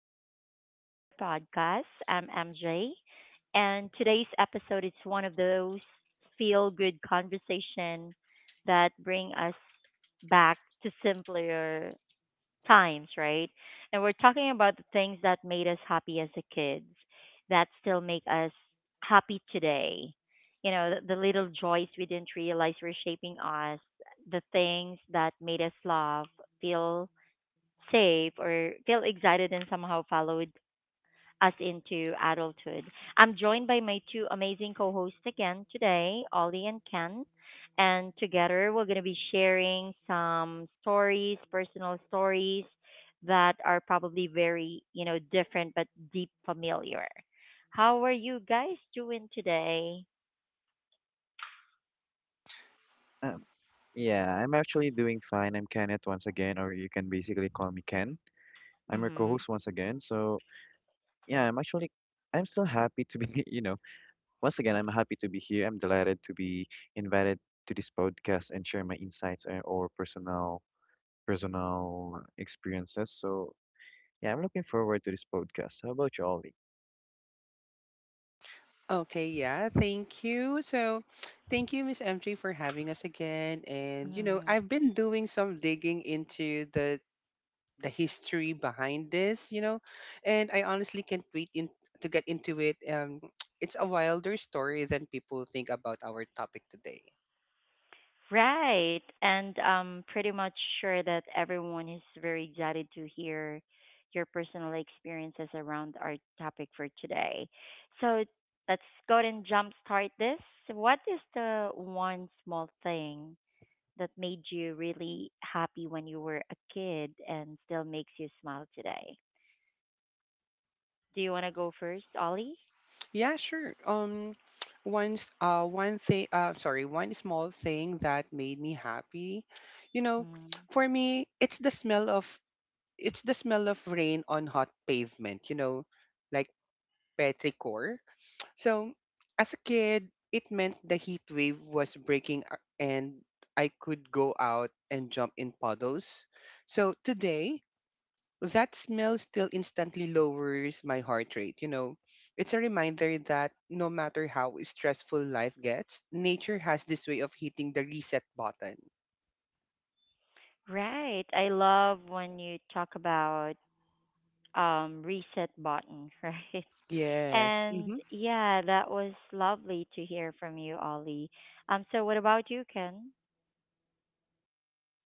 Welcome back to the podcast. I'm MJ, and today's episode is one of those feel good conversation that bring us back to simpler times, right? And we're talking about the things that made us happy as a kids that still make us happy today. The little joys we didn't realize were shaping us, the things that made us laugh, feel safe or feel excited and somehow followed us into adulthood. I'm joined by my two amazing co hosts again today, Ollie and Ken. And together we're going to be sharing some stories, personal stories that are probably very, different but deep familiar. How are you guys doing today? Um, yeah, I'm actually doing fine. I'm Kenneth once again, or you can basically call me Ken. I'm your co-host once again. So yeah, I'm still happy to be, you know, once again, I'm happy to be here. I'm delighted to be invited to this podcast and share my insights or personal experiences. So yeah, I'm looking forward to this podcast. How about you, Ollie? Okay, yeah, thank you. So, thank you, Miss MJ, for having us again. And you know, Mm-hmm. I've been doing some digging into the history behind this, you know, and I honestly can't wait to get into it. It's a wilder story than people think about our topic today. Right. And I'm pretty much sure that everyone is very excited to hear your personal experiences around our topic for today. So let's go ahead and jumpstart this. What is the one small thing that made you really happy when you were a kid and still makes you smile today? Do you want to go first, Ollie? Yeah, sure. Once, one thing, sorry, one small thing that made me happy, you know, Mm. for me, it's the smell of it's the smell of rain on hot pavement, you know, like petrichor. So, as a kid, it meant the heat wave was breaking and I could go out and jump in puddles. So, today, that smell still instantly lowers my heart rate, you know. It's a reminder that no matter how stressful life gets, nature has this way of hitting the reset button. Right. I love when you talk about reset button, right? Yes. And Hmm. yeah, that was lovely to hear from you, Ollie. So what about you, Ken?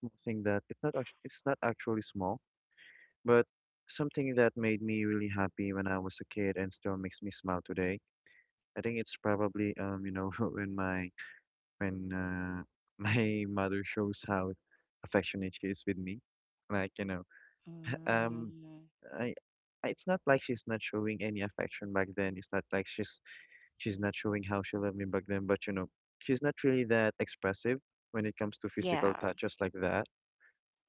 Something that it's not actually small, but something that made me really happy when I was a kid and still makes me smile today. I think it's probably you know when my when my mother shows how affectionate she is with me, like you know um Mm, I. I- It's not like she's not showing any affection back then. It's not like she's not showing how she loved me back then. But you know, she's not really that expressive when it comes to physical yeah, touches like that.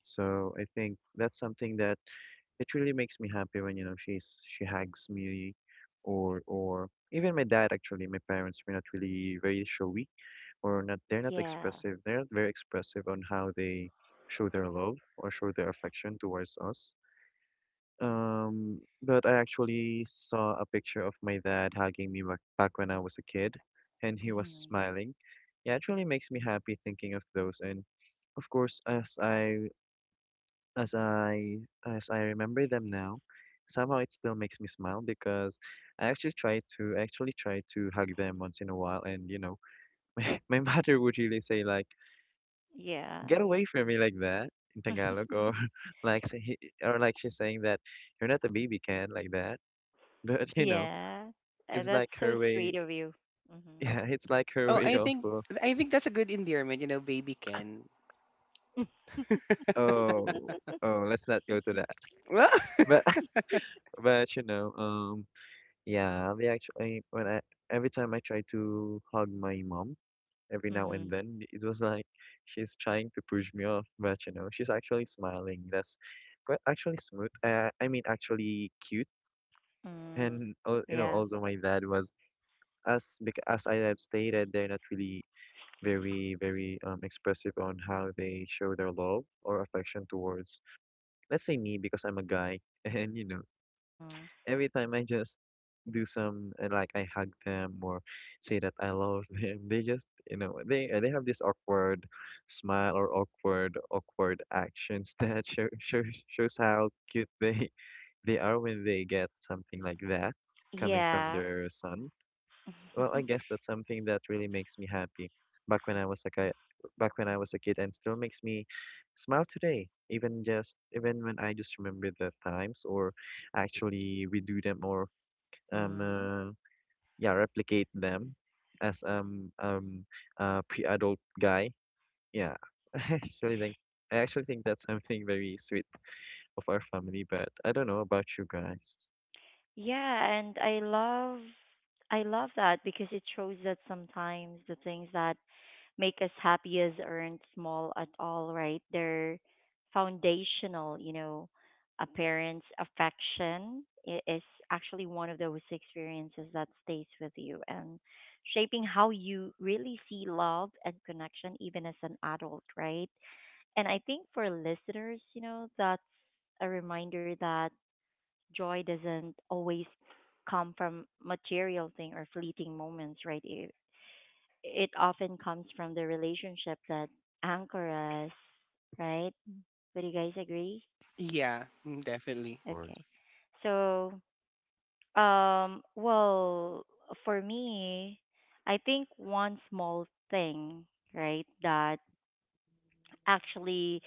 So I think that's something that it really makes me happy when you know she hugs me, or even my dad actually. My parents were not really very showy or not they're not yeah, expressive they're not very expressive on how they show their love or show their affection towards us. But I actually saw a picture of my dad hugging me back when I was a kid, and he was hmm, smiling. It actually makes me happy thinking of those, and of course as i as I remember them now, somehow it still makes me smile because I actually try to hug them once in a while. And you know my mother would really say like yeah, get away from me like that, in Tagalog, or like say, he- or like she's saying that you're not a baby can like that. But you know, yeah. it's like That's her so way. sweet of you. Mm-hmm. Yeah, it's like her Oh, way of I think that's a good endearment, you know, baby Ken. oh, oh, let's not go to that. But but you know, yeah, they actually when I every time I try to hug my mom, every now and Mm-hmm. then it was like she's trying to push me off, but you know she's actually smiling. That's quite actually smooth I mean actually cute. Mm-hmm. And you know, Yeah. also my dad was, as I have stated, they're not really very expressive on how they show their love or affection towards, let's say, me because I'm a guy. And you know, Mm-hmm. every time I just do some like I hug them or say that I love them, they just you know they have this awkward smile, or awkward actions that show, shows shows how cute they they are when they get something like that coming from Yeah. their son. Well, I guess that's something that really makes me happy. Back when I was a kid, back when I was a kid, and still makes me smile today. Even when I just remember the times, or actually redo them, or um, Mm-hmm. uh, yeah, replicate them as a pre-adult guy. Yeah, I actually think I actually think that's something very sweet of our family. But I don't know about you guys. Yeah, and I love that because it shows that sometimes the things that make us happiest aren't small at all, right? They're foundational, you know. A parent's affection is actually one of those experiences that stays with you and shaping how you really see love and connection even as an adult, right? And I think for listeners, you know, that's a reminder that joy doesn't always come from material thing or fleeting moments, right? It often comes from the relationship that anchor us, right? Would you guys agree? yeah, Of definitely. course. Okay. So, um, well, for me, I think one small thing, right, that actually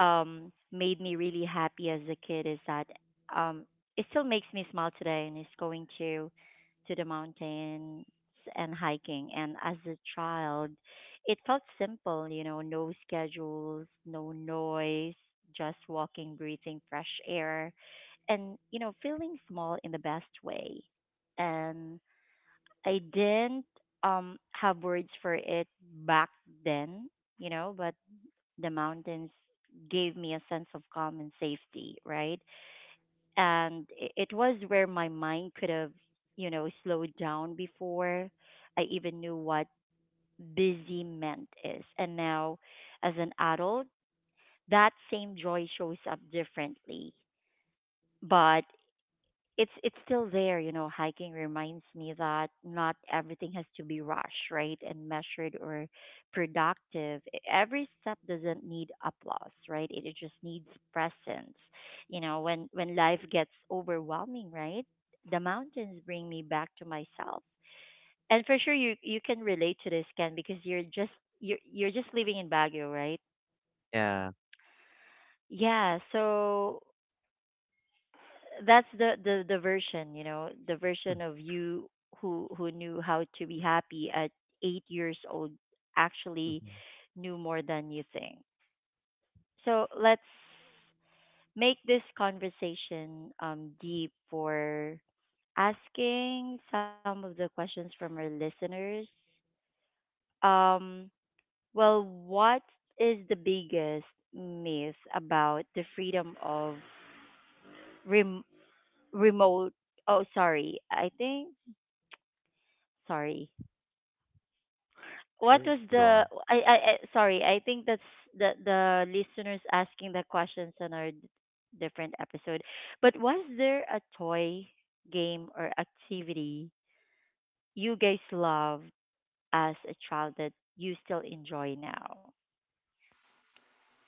made me really happy as a kid is that um, it still makes me smile today, and it's going to the mountains and hiking. And as a child, it felt simple, you know, no schedules, no noise, just walking, breathing fresh air, and you know, feeling small in the best way. And I didn't have words for it back then, you know, but the mountains gave me a sense of calm and safety, right? And it was where my mind could have, you know, slowed down before I even knew what busy meant is. And now, as an adult, that same joy shows up differently. But it's still there, you know, hiking reminds me that not everything has to be rushed, right, and measured or productive. Every step doesn't need applause, right, it just needs presence, you know. When life gets overwhelming, right, the mountains bring me back to myself. And for sure you can relate to this, Ken, because you're just you're just living in Baguio, right? Yeah. Yeah, so that's the the version, you know, the version of you who knew how to be happy at 8 years old, actually knew more than you think. So let's make this conversation deep for asking some of the questions from our listeners. Um well, what is the biggest myth about the freedom of rem- remote. Oh, sorry. I think sorry. What Sure, was go the on. I sorry. I think that's the listeners asking the questions on our different episode. But was there a toy, game or activity you guys loved as a child that you still enjoy now?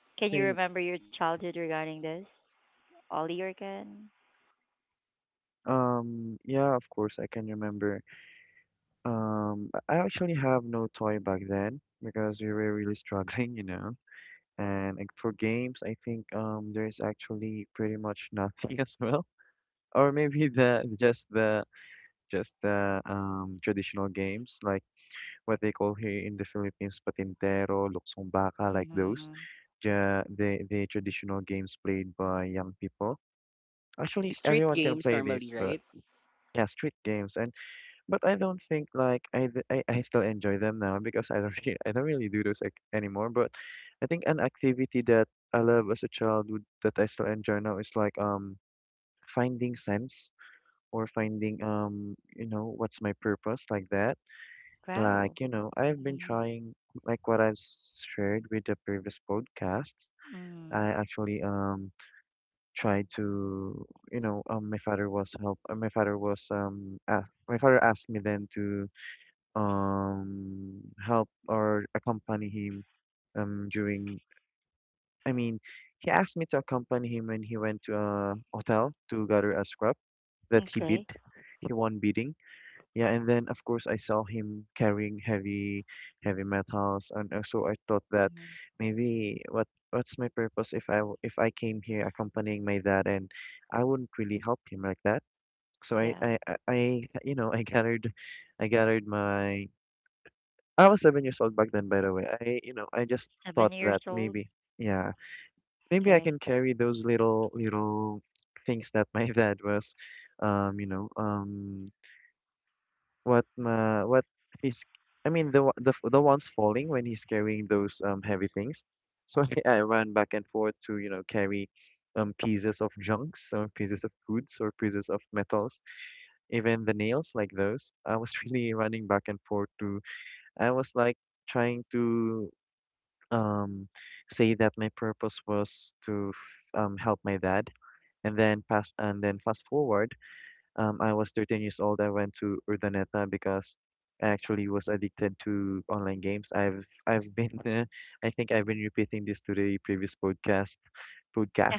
Can you Think. remember your childhood regarding this, Ollie or Ken? Yeah, of course, I can remember. I actually have no toy back then because we were really struggling, you know. And like, for games, I think there's actually pretty much nothing as well. Or maybe the just the just the traditional games, like what they call here in the Philippines, patintero, luksong baka, like those. Mm-hmm. The traditional games played by young people. Actually, Street everyone can games play this, normally, but right? yeah, street games. But I don't think like I, th- I still enjoy them now because I don't really, I don't really do those anymore. But I think an activity that I love as a child would, that I still enjoy now is like finding sense, or finding you know what's my purpose, like that. Wow. Like you know, I've been Mm-hmm. trying, like what I've shared with the previous podcasts. Mm-hmm. I actually tried to, you know, my father was help my father was ah, my father asked me then to help or accompany him during I mean he asked me to accompany him when he went to a hotel to gather a scrap that Okay. he won bidding. Yeah, and then of course I saw him carrying heavy metals, and so I thought that Mm-hmm. maybe what's my purpose if if I came here accompanying my dad and I wouldn't really help him like that. So I Yeah. I I, I you know, I gathered my, I was 7 years old back then, by the way. I, you know, I just thought 7 that years old? maybe, yeah, maybe I can Okay. carry those little things that my dad was, you know, what, my, what he's, I mean, the, one- the, f- the ones falling when he's carrying those, heavy things. So I think I ran back and forth to, you know, carry, pieces of junks, or pieces of foods, or pieces of metals, even the nails, like those. I was really running back and forth to, I was like, trying to um, say that my purpose was to help my dad. And then fast forward, I was 13 years old. I went to Urdaneta because I actually was addicted to online games. I've been I think I've been repeating this to the previous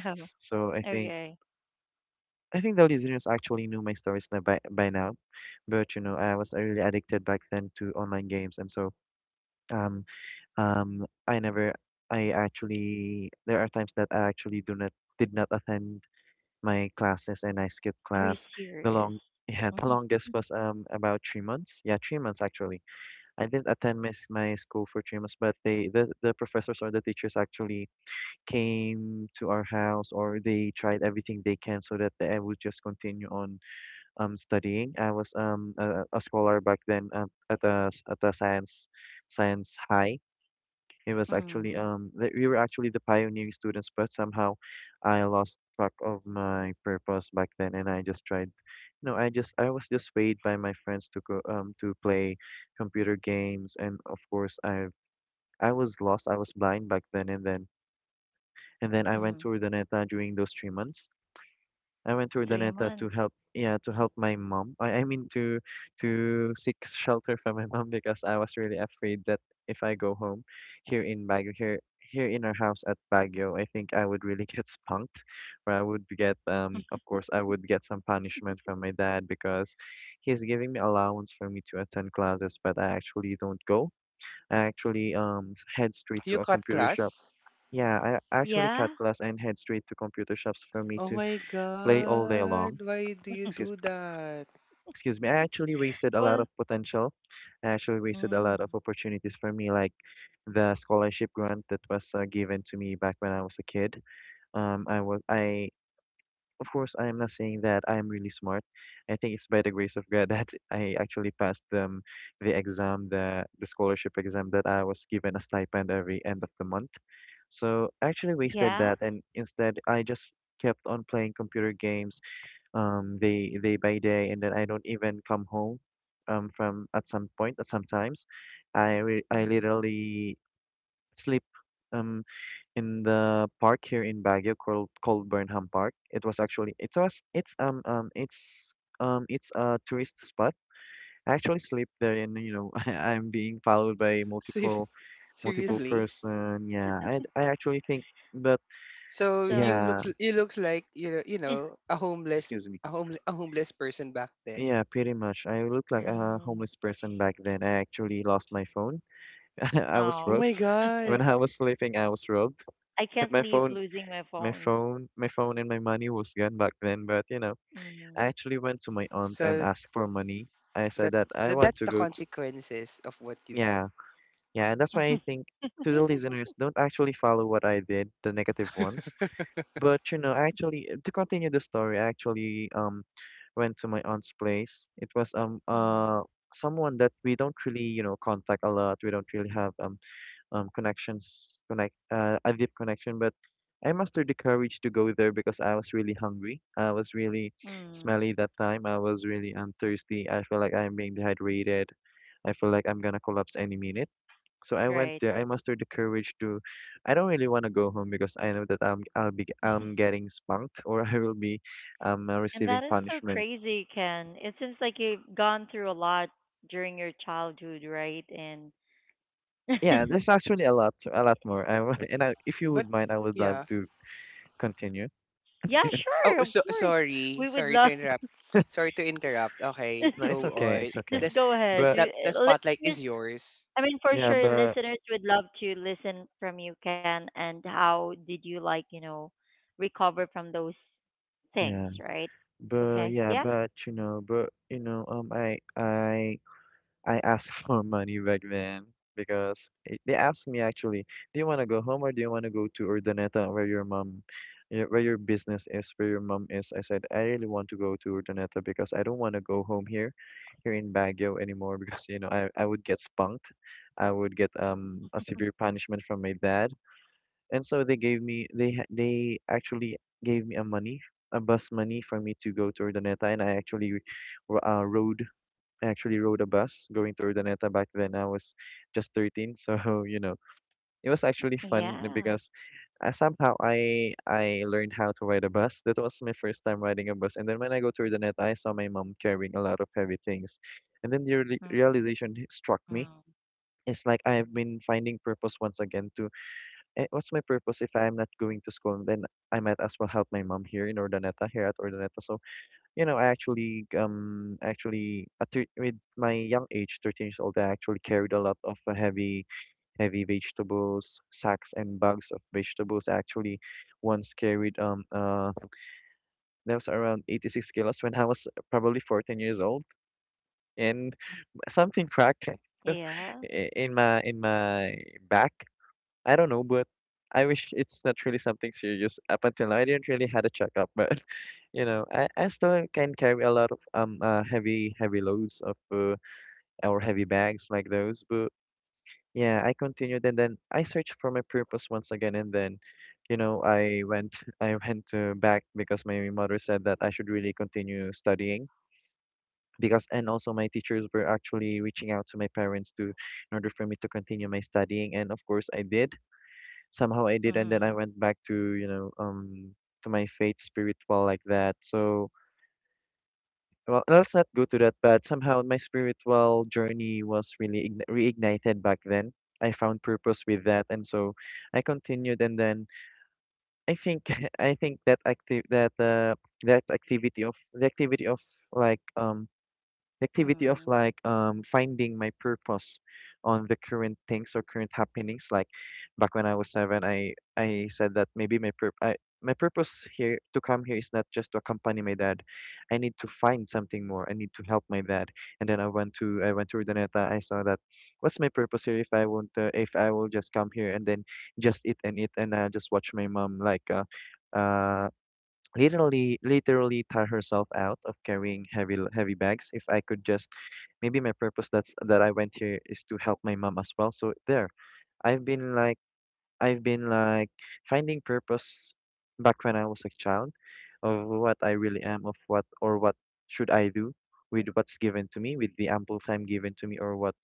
Oh, So okay. I think the listeners actually knew my stories now by now, but you know, I was really addicted back then to online games, and so um I never, I actually, there are times that I actually do not, did not attend my classes and I skipped Are you class. The serious? long, yeah, the Mhm. longest was about 3 months. Yeah, 3 months actually. I didn't attend my school for 3 months, but they, the professors or the teachers, actually came to our house, or they tried everything they can, so that I would just continue on studying. I was a scholar back then at a science high. It was actually Mm, that we were actually the pioneering students, but somehow I lost track of my purpose back then, and I just tried, you know, I was just swayed by my friends to go to play computer games. And of course I was lost, I was blind back then, and then I mm. went to Urdaneta during those 3 months. I went to 3 Urdaneta months. to help, yeah, to help my mom. I mean, to seek shelter from my mom, because I was really afraid that if I go home here in Baguio, here in our house at Baguio, I think I would really get spunked, or I would get, of course, I would get some punishment from my dad, because he's giving me allowance for me to attend classes, but I actually don't go. I actually head straight to You a cut computer shop. class. Yeah, I actually Yeah? cut class and head straight to computer shops for me Oh to my play all day long. god, why do you excuse do that? excuse me, I actually wasted a Well, lot of potential. I actually wasted mm, a lot of opportunities for me, like the scholarship grant that was given to me back when I was a kid. I was I Of course, I am not saying that I'm really smart. I think it's by the grace of God that I actually passed the exam, the scholarship exam, that I was given a stipend every end of the month. So I actually yeah? wasted that, and instead I just kept on playing computer games, day by day, and then I don't even come home, from at some point. At sometimes, I Mm. literally sleep, um, in the park here in Baguio, called Burnham Park. It was actually, it was, it's a tourist spot. I actually sleep there, and you know I'm being followed by Se- multiple Seriously? person. Yeah, I actually think, but So So, yeah, you looks like you know, you eh, know, a homeless excuse me. a home a homeless person back then. Yeah, pretty much. I looked like a mm, homeless person back then. I actually lost my phone. I was Oh oh, my robbed. When god. I was sleeping, I was robbed. I can't My leave phone, losing my my phone. phone, my phone and my money was gone back then, but you know, Mm. I actually went to my aunt and So asked for money. I said that, that I want that's to the go to. consequences of what you do. Yeah. Yeah, and that's why I think, to the listeners, don't actually follow what I did, the negative ones. But you know, actually, to continue the story, I actually went to my aunt's place. It was Mm, someone that we don't really, you know, contact a lot. We don't really have connections connect a deep connection. But I mustered the courage to go there because I was really hungry. I was really mm, smelly that time. I was really thirsty. I feel like I'm being dehydrated. I feel like I'm gonna collapse any minute. So I went right. there. I mustered the courage to. I don't really want to go home because I know that I'll be I'm getting spanked, or I will be, And receiving that is so punishment. crazy, Ken. It seems like you've gone through a lot during your childhood, right? And Yeah, there's actually a lot more. And I, if you But would mind, I would love yeah. to continue. yeah, Oh, sure, of so course. sorry. We would Sorry to love. interrupt. Sorry to interrupt. Okay, No, it's go okay. on. It's okay. Just This go ahead. But We, that the spotlight listeners, is yours. I mean, for yeah, sure, but listeners would love to listen from you, Ken. And how did you like, you know, recover from those things, yeah, right? but Okay. yeah, Yeah. But you know, I asked for money back then because it, they asked me actually, do you want to go home or do you want to go to Urdaneta where your mom, where your business is, where your mom is? I said, I really want to go to Urdaneta because I don't want to go home here, here in Baguio anymore because, you know, I would get spunked. I would get a severe punishment from my dad. And so they gave me, they actually gave me a money, a bus money for me to go to Urdaneta, and I actually r- rode I actually rode a bus going to Urdaneta back then. I was just 13, so you know, it was actually fun Yeah. because somehow I learned how to ride a bus. That was my first time riding a bus. And then when I go to Urdaneta, I saw my mom carrying a lot of heavy things. And then the Mm-hmm. realization struck me. It's like I've been finding purpose once again to, what's my purpose if I'm not going to school? Then I might as well help my mom here in Urdaneta, here at Urdaneta. So you know, I actually actually with my young age, 13 years old, I actually carried a lot of heavy vegetables, sacks and bags of vegetables. I actually once carried that was around 86 kilos when I was probably 14 years old, and something cracked Yeah. In my back, I don't know, but I wish it's not really something serious. Up until now, I didn't really had a checkup, but you know, I still can carry a lot of heavy loads of or heavy bags like those. But yeah, I continued, and then I searched for my purpose once again. And then you know, I went I went back because my mother said that I should really continue studying. Because and also my teachers were actually reaching out to my parents to in order for me to continue my studying, and of course I did. Somehow I did, Mm-hmm. and then I went back to, you know, to my faith, spiritual like that. So well, let's not go to that, but somehow my spiritual journey was really reignited back then. I found purpose with that, and so I continued. And then I think I think that active that that activity of the activity of like the Mm-hmm. activity of like, finding my purpose on the current things or current happenings, like back when I was seven, I said that maybe I, my purpose here to come here is not just to accompany my dad. I need to find something more. I need to help my dad. And then I went to Urdaneta. I saw that what's my purpose here if I won't if I will just come here, and then just eat and eat, and just watch my mom, like uh literally tire herself out of carrying heavy bags, if I could just, maybe my purpose that's that I went here is to help my mom as well. So there, I've been like, I've been like finding purpose back when I was a child, of what I really am, of what, or what should I do with what's given to me, with the ample time given to me, or what,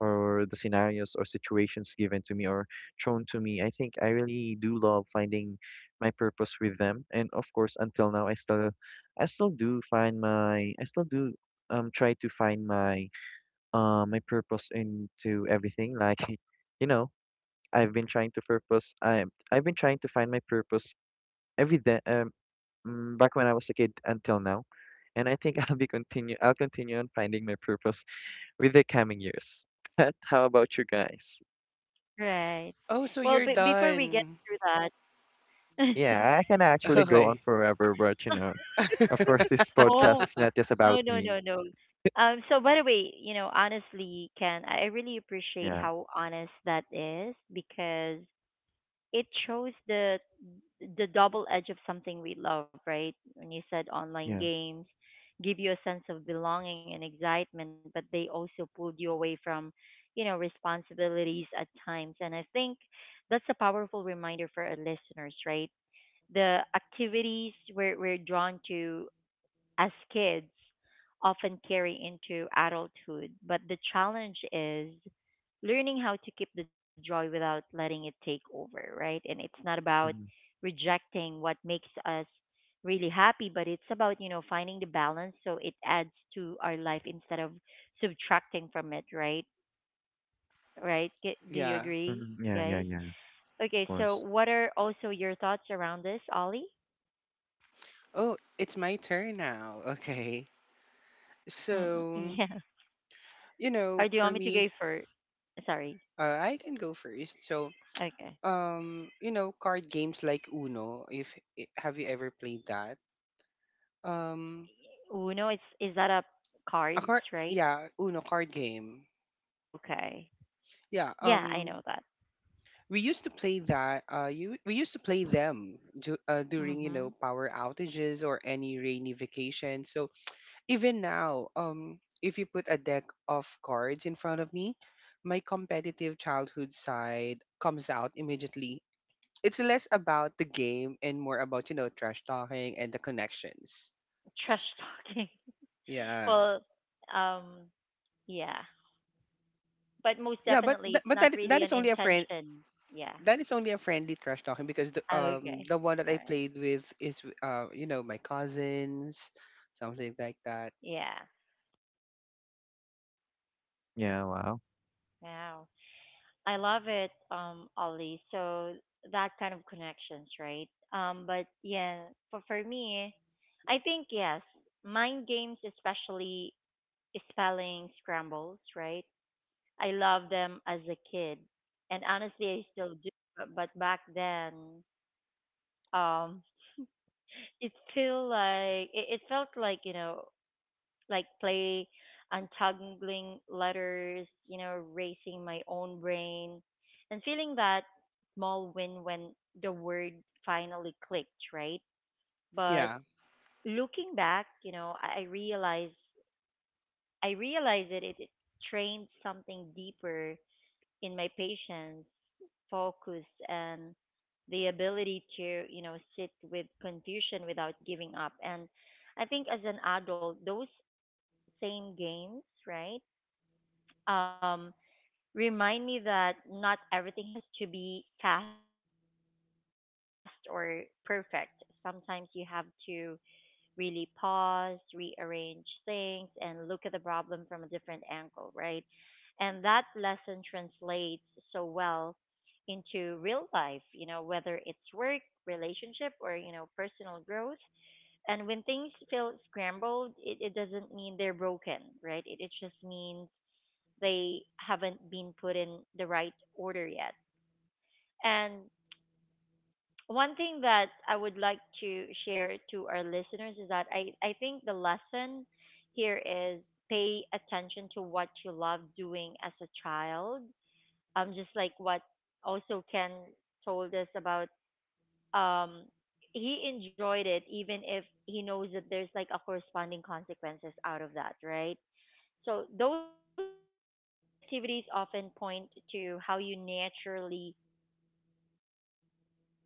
or the scenarios or situations given to me or thrown to me. I think I really do love finding my purpose with them, and of course, until now, I still do find my, I still do try to find my my purpose into everything, like you know. I've been trying to purpose. I I've been trying to find my purpose every day. Back when I was a kid until now, and I think I'll be continue. I'll continue on finding my purpose with the coming years. But how about you guys? Right. Well, before Oh, we so get you're through done. that. Yeah, I can actually go on Okay. forever, but you know, of course, Oh. this podcast is No, not no, just no, about no. me. So by the way, you know, honestly, Ken, I really appreciate Yeah, how honest that is because it shows the double edge of something we love, right? When you said online yeah, games give you a sense of belonging and excitement, but they also pulled you away from, you know, responsibilities at times. And I think that's a powerful reminder for our listeners, right? The activities we're drawn to as kids often carry into adulthood. But the challenge is learning how to keep the joy without letting it take over, right? And it's not about mm rejecting what makes us really happy, but it's about, you know, finding the balance so it adds to our life instead of subtracting from it, right? Right? Do you yeah. agree, guys? yeah, yeah, yeah. Okay, Of so what course. are also your thoughts around this, Ollie? Oh, it's my turn now. Okay. Mm, yeah. So, you Or do you know, want me to for go me, for? Sorry. I can go first. So, Okay. You know, card games like Uno, if I- have you ever played that? Um, Uno is that a cards, a card, right? yeah, Uno card game. Okay. Yeah, Yeah, I know um, that. we used to play that. You we used to play them during you Mhm. know power outages or any rainy vacation. So even now, if you put a deck of cards in front of me, my competitive childhood side comes out immediately. It's less about the game and more about you know trash talking and the connections. Trash talking. Yeah, Well, um, yeah. But most yeah, but definitely th- it's but not that really an is only a friend, intention. Yeah. that is only a friendly trash talking because the um Okay. the one that All I right. played with is you know my cousins, something like that. Yeah. Yeah. Wow. Wow. I love it, Ollie. So that kind of connections, right? But yeah, for me, I think yes, mind games, especially spelling scrambles, right? I loved them as a kid, and honestly, I still do. But back then, um, it feel like it felt like you know, like play, untangling letters, you know, racing my own brain, and feeling that small win when the word finally clicked, right? But Yeah, looking back, you know, I realized that it trained something deeper in my patience, focus, and the ability to, you know, sit with confusion without giving up. And I think as an adult, those same games, right, um, remind me that not everything has to be fast or perfect. Sometimes you have to really pause, rearrange things, and look at the problem from a different angle, right? And that lesson translates so well into real life, you know, whether it's work, relationship, or, you know, personal growth. And when things feel scrambled, it doesn't mean they're broken, right? It just means they haven't been put in the right order yet. And one thing that I would like to share to our listeners is that I think the lesson here is pay attention to what you love doing as a child. Just like what also Ken told us about um he enjoyed it even if he knows that there's like a corresponding consequences out of that, right? So those activities often point to how you naturally learn, solve problems and find calm,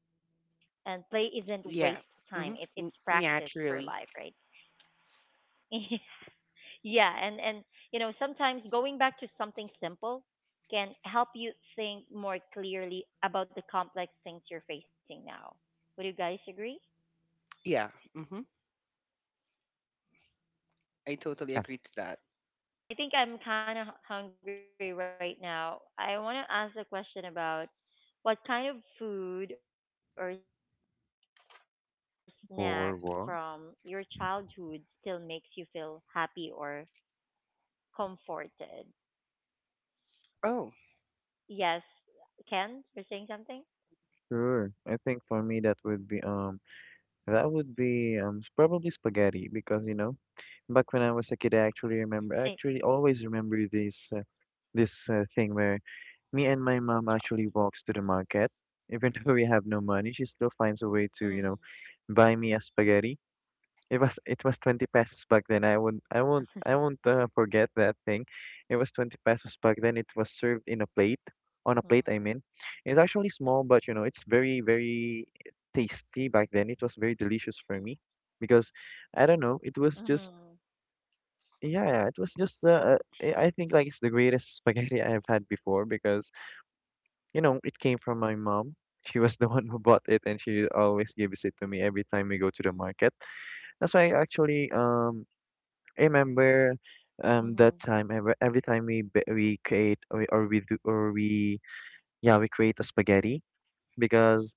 and play isn't waste time, yeah, it's practice mm-hmm, for life, right? naturally, Yeah, and you know, sometimes going back to something simple can help you think more clearly about the complex things you're facing now. Would you guys agree? yeah. Mm-hmm. Okay. Now, I totally Yeah. agree moving to that. on, I think I'm kind of hungry right now. I want to ask a question about what kind of food or snack from your childhood still makes For you what? feel happy or comforted? Yes, Oh, Ken, you're saying something? Sure. I think for me that would be probably spaghetti, because you know, back when I was a Say kid, I actually remember, I actually always remember this thing where me chocolate. and my mom actually walks to the market, even though we have no money, she still Mm-hmm. finds a way to, you know, buy me a spaghetti. It was 20 pesos back then. I won't forget that thing. It was 20 pesos back then. It was served in a plate, on a Mm-hmm. plate, I mean. It's actually small, but you know, it's very tasty back then. It was very delicious for me because I don't know, it was just, Mm-hmm. yeah, it was just I think like it's the greatest spaghetti I've had before, because you know it came from my mom. She was the one who bought it, and she always gives it to me every time we go to the market. That's why I actually I remember Mm-hmm. That time. Every time we ba- we create or we do or we Yeah, we create a spaghetti because,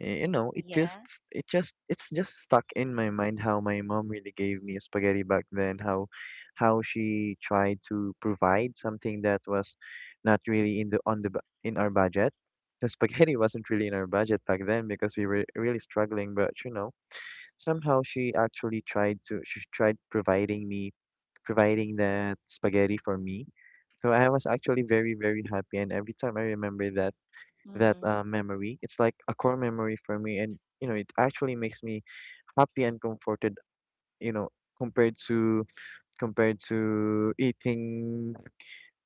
you know, it just, Yeah. It's just stuck in my mind how my mom really gave me spaghetti back then, how she tried to provide something that was not really in the on the bu- in our budget. The spaghetti wasn't really in our budget back then because we were really struggling, but you know, somehow she actually tried to, she tried providing me providing that spaghetti for me. So I was actually very happy, and every time I remember that, memory. It's Mm-hmm. like a core memory for me, and you know, it actually makes me happy and comforted. You know, compared to compared to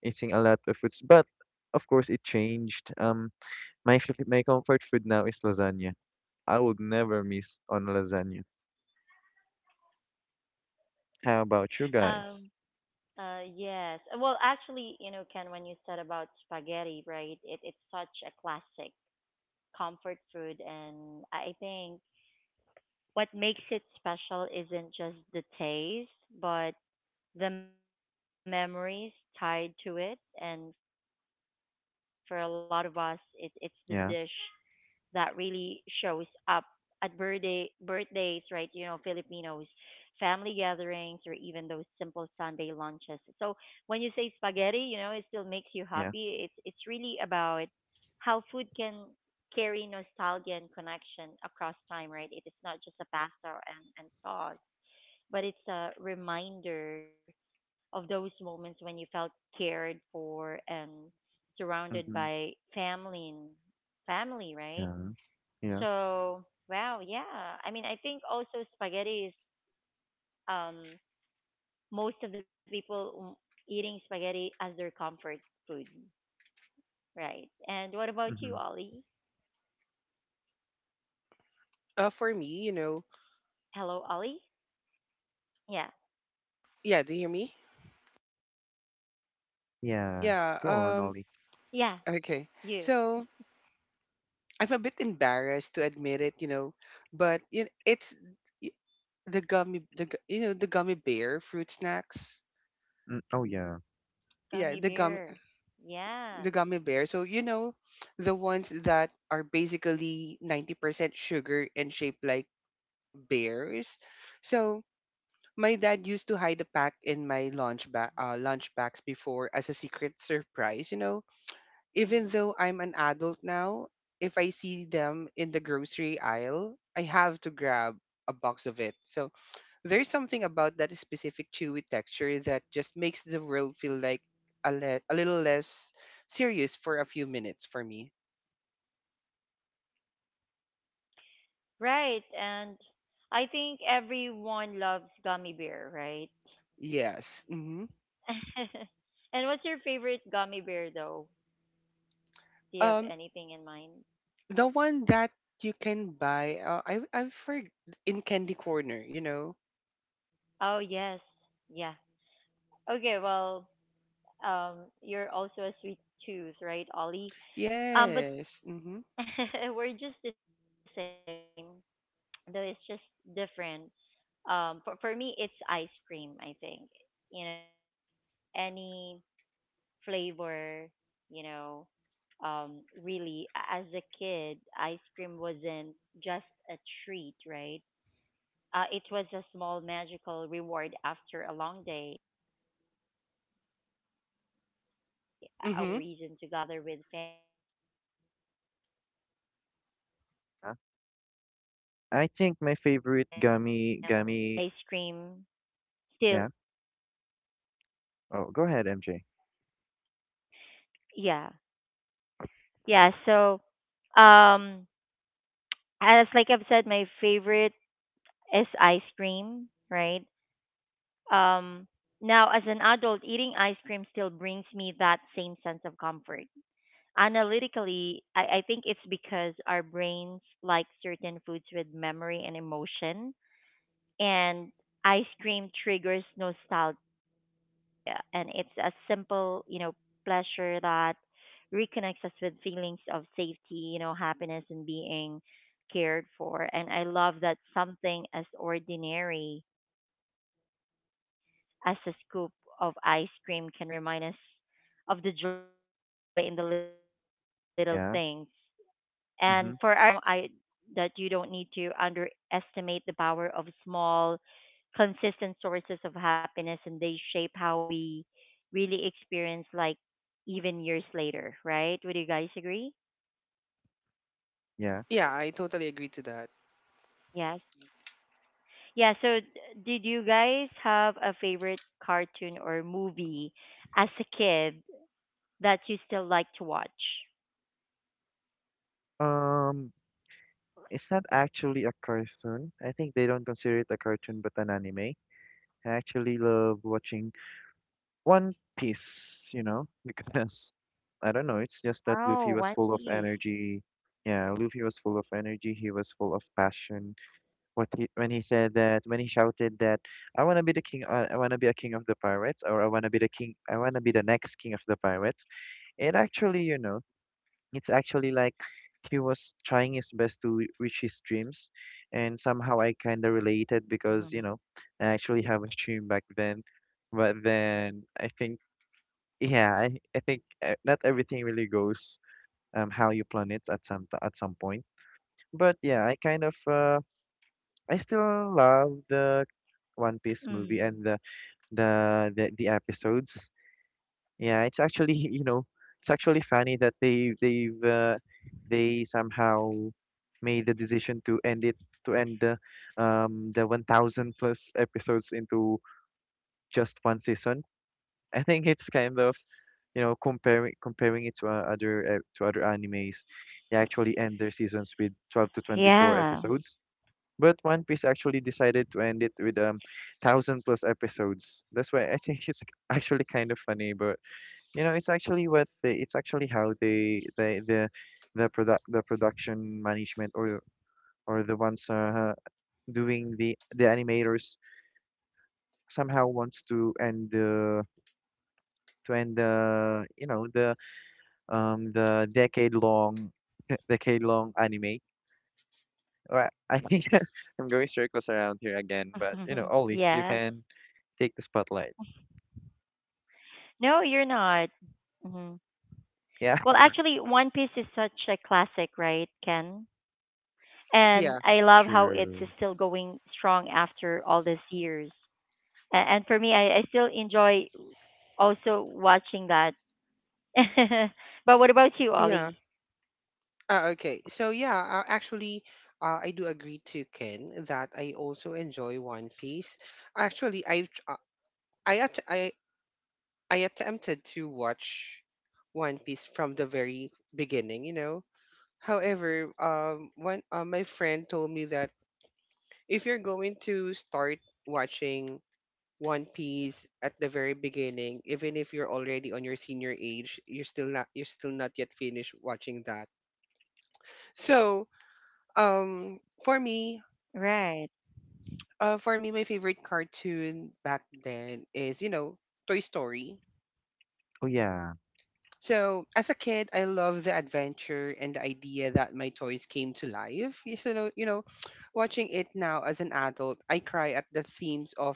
eating a lot of foods, but of course it changed. My my comfort food now is lasagna. I would never miss on lasagna. How about you guys? Um, uh, yes. Well, actually, you know, Ken, when you said about spaghetti, right? It's such a classic comfort food, and I think what makes it special isn't just the taste, but the memories tied to it. And for a lot of us, it's the dish Yeah, that really shows up at birthdays, right? You know, Filipinos, family gatherings, or even those simple Sunday lunches. So when you say spaghetti, you know, it still makes you yeah, happy. It's really about how food can carry nostalgia and connection across time, right? It is not just a pasta and sauce, but it's a reminder of those moments when you felt cared for and mm-hmm, surrounded by family and family, yeah, right? yeah, So, wow, yeah. I mean, I think also spaghetti is um most of the people mm, eating spaghetti as their comfort food, right? And what mm-hmm, about you, Ollie? For me, you know, Hello, Ollie? Yeah. yeah. Do you hear me? yeah. Yeah. Go on, Yeah, Ollie. you. Okay. So I'm a bit embarrassed to admit it, you know, but you know, it's y- the gummy, the gu- you know the gummy bear fruit snacks. Mm, oh yeah. Gummy Yeah, bears. Yes. the gummy bear. So you know, the ones that are basically 90% sugar and shaped like bears. So my dad used to hide a pack in my lunch bags before as a secret surprise. You know, even though I'm an Mm. adult now, if I see them in the grocery aisle, I have to grab a box of it. So there's something about that specific chewy texture that just makes the world feel like a little less serious for a few minutes for me. Right, and I think everyone loves gummy bear, Yes. right? Hmm. And what's your favorite gummy bear though? Um, Do you have the one anything in that mind? you can buy, I for in Candy Corner, you know. Oh yes, yeah. Okay, well, you're also a sweet tooth, Yes. right, Mm-hmm. Ollie? But we're just the same, though it's just different. For me, it's ice cream. I think any flavor, you know. Really, as a kid, ice cream wasn't just a treat, right? It was a small magical reward after a long day, a way to celebrate Mm-hmm. tiny victories or even just a reason to gather with family, right? Huh? Now, as an I think my adult, favorite eating gummy ice gummy. cream still, Yeah. Oh, go ahead, MJ. yeah, yeah. So, um, as like I've said, my favorite is ice cream, right? Um, now, as an adult, eating ice cream still brings me that same sense of comfort. Analytically, I think it's because our brains like certain foods with memory and emotion, and ice cream triggers nostalgia, and it's a simple, pleasure that reconnects us with feelings of safety, happiness, and being cared for. And I love that something as ordinary as a scoop of ice cream can remind us of the joy in the little things. And for our listeners, I'd say Yeah. it's a gentle reminder, Mm-hmm. you know, I that you don't need to underestimate the power of small, consistent sources of happiness, and they shape how we really experience, like, even years later, right? Would you guys agree? Yeah. Yeah, I totally agree to that. Yes. Yeah, so did you guys have a favorite cartoon or movie as a kid that you still like to watch? Um, it's not actually a cartoon. I think they don't consider it a cartoon, but an anime. I actually love watching One Piece, you know, because I don't know, it's just that Luffy was full of Oh, One energy. Piece. Yeah, Luffy was full of energy. He was full of passion. What he when he said that, when he shouted that, I want to be the king, I want to be a king of the pirates, or I want to be the king, I want to be the next king of the pirates. It actually, you know, it's actually like he was trying his best to reach his dreams, and somehow I kind of related because, you know, I Mhm. actually have a dream back then. But then I think, yeah, I think not everything really goes how you plan it at some at some point. But yeah, I kind of I still love the One Mm. Piece movie and the the episodes. Yeah, it's actually, you know, it's actually funny that they somehow made the decision to end it, to end the 1,000 plus episodes into just one season. I think it's kind of, comparing comparing it to other to other animes, they actually end their seasons with 12 to 24 Yeah. episodes. But One Piece actually decided to end it with 1000 plus episodes. That's why I think it's actually kind of funny, but you know, it's actually it's actually how the production management or the ones doing the animators somehow wants to end the the decade long decade long anime. Well, I think I'm going circles around here Yes. again, but you know, Ollie, you can take the spotlight. No, you're not. Hmm. Well, actually, One Yeah, Piece is such a classic, right, Ken? And I love how Yeah. it's still true. going strong after all these years. And for me, I still enjoy also watching that. But what about you, Yeah. Ollie? Okay. So yeah, actually, I do agree to Ken that I also enjoy One Piece. Actually, I I attempted to watch One Piece from the very beginning, you know. However, one my friend told me that if you're going to start watching One Piece at the very beginning, even if you're already on your senior age, you're still not yet finished watching that. So, um, for me, Right. For me, my favorite cartoon back then is you know Toy Story. Oh yeah. So, as a kid, I loved the adventure and the idea that my toys came to life. You know, watching it now as an adult, I cry at the themes of,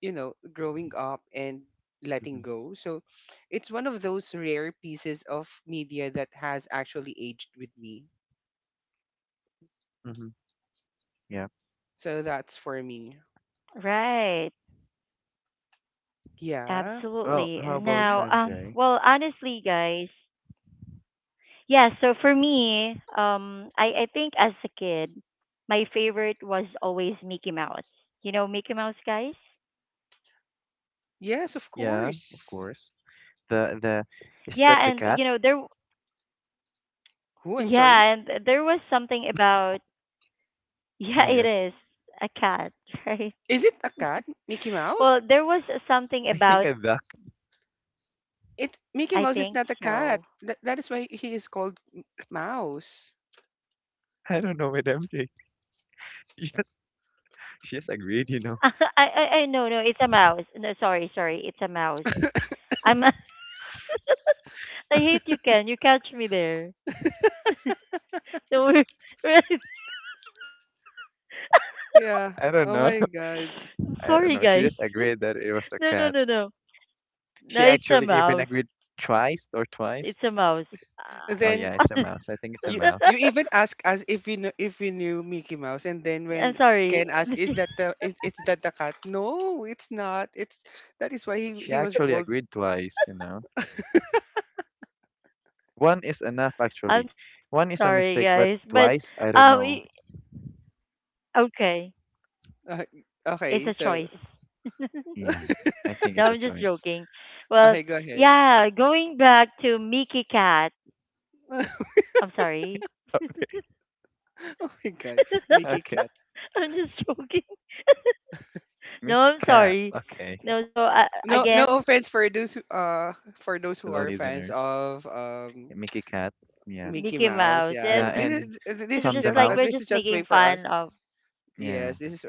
you know, growing up and letting Mm-hmm. go. So, it's one of those rare pieces of media that has actually aged with me. Mm-hmm. Yeah. So, that's for me. Right. Absolutely. Yeah. Well, Now, how about Mm-hmm. you, well, MJ? honestly, guys, yeah, so for me, I think as a kid, my favorite was always Mickey Mouse. You know, Mickey Mouse, guys? Yes, of Yeah, of course. course. The Is Yeah, that the and, you cat? know, there, Who? I'm sorry. yeah, and there was something about, yeah, it Yeah, is a cat, right? Is it a cat? Mickey Mouse? Well, there was something I think about, I'm back. It Mickey I Mouse is think not a cat. so. That is why he is called Mouse. I don't know, Madam J. She just she just agreed, you know. I, no, no, it's a mouse. No, sorry, sorry, it's a mouse. I'm I hate you, Ken. You catch me there. No, we're, right. Yeah. I don't Oh know. my god. I I'm don't know. She sorry, just guys. agreed that it was a cat. No, no, no, no. She actually even No, agreed it's a mouse. It's a twice. mouse. And Oh then yeah, Ah. it's a mouse. I think it's a you mouse. even ask us if we know, if we knew Mickey Mouse, and then I'm when sorry. Ken asked, "Is that the is that the cat?" No, it's not. It's that is why She he was actually called. agreed twice, you know. One is enough actually. One I'm is a sorry, mistake, but guys. But twice, I don't um, know. i- okay, Uh, it's okay, a so choice. Yeah. I think No, it's a I'm just choice. joking. Well, okay, go ahead. yeah, going back to Mickey Cat. I'm sorry. Oh my god, Mickey Okay. Cat. I'm just joking. No, Mickey I'm Cat. sorry. Okay. No, so No, again, no offense yeah, as a for those kid, For who the are fans listeners. of Mickey Cat. Yeah. Mickey Mouse. Mickey Yeah, Yeah, and Mouse. Yeah, this is Tom just the like we're this mouse. is just just way making for us. fun of. Yeah. Yes, this is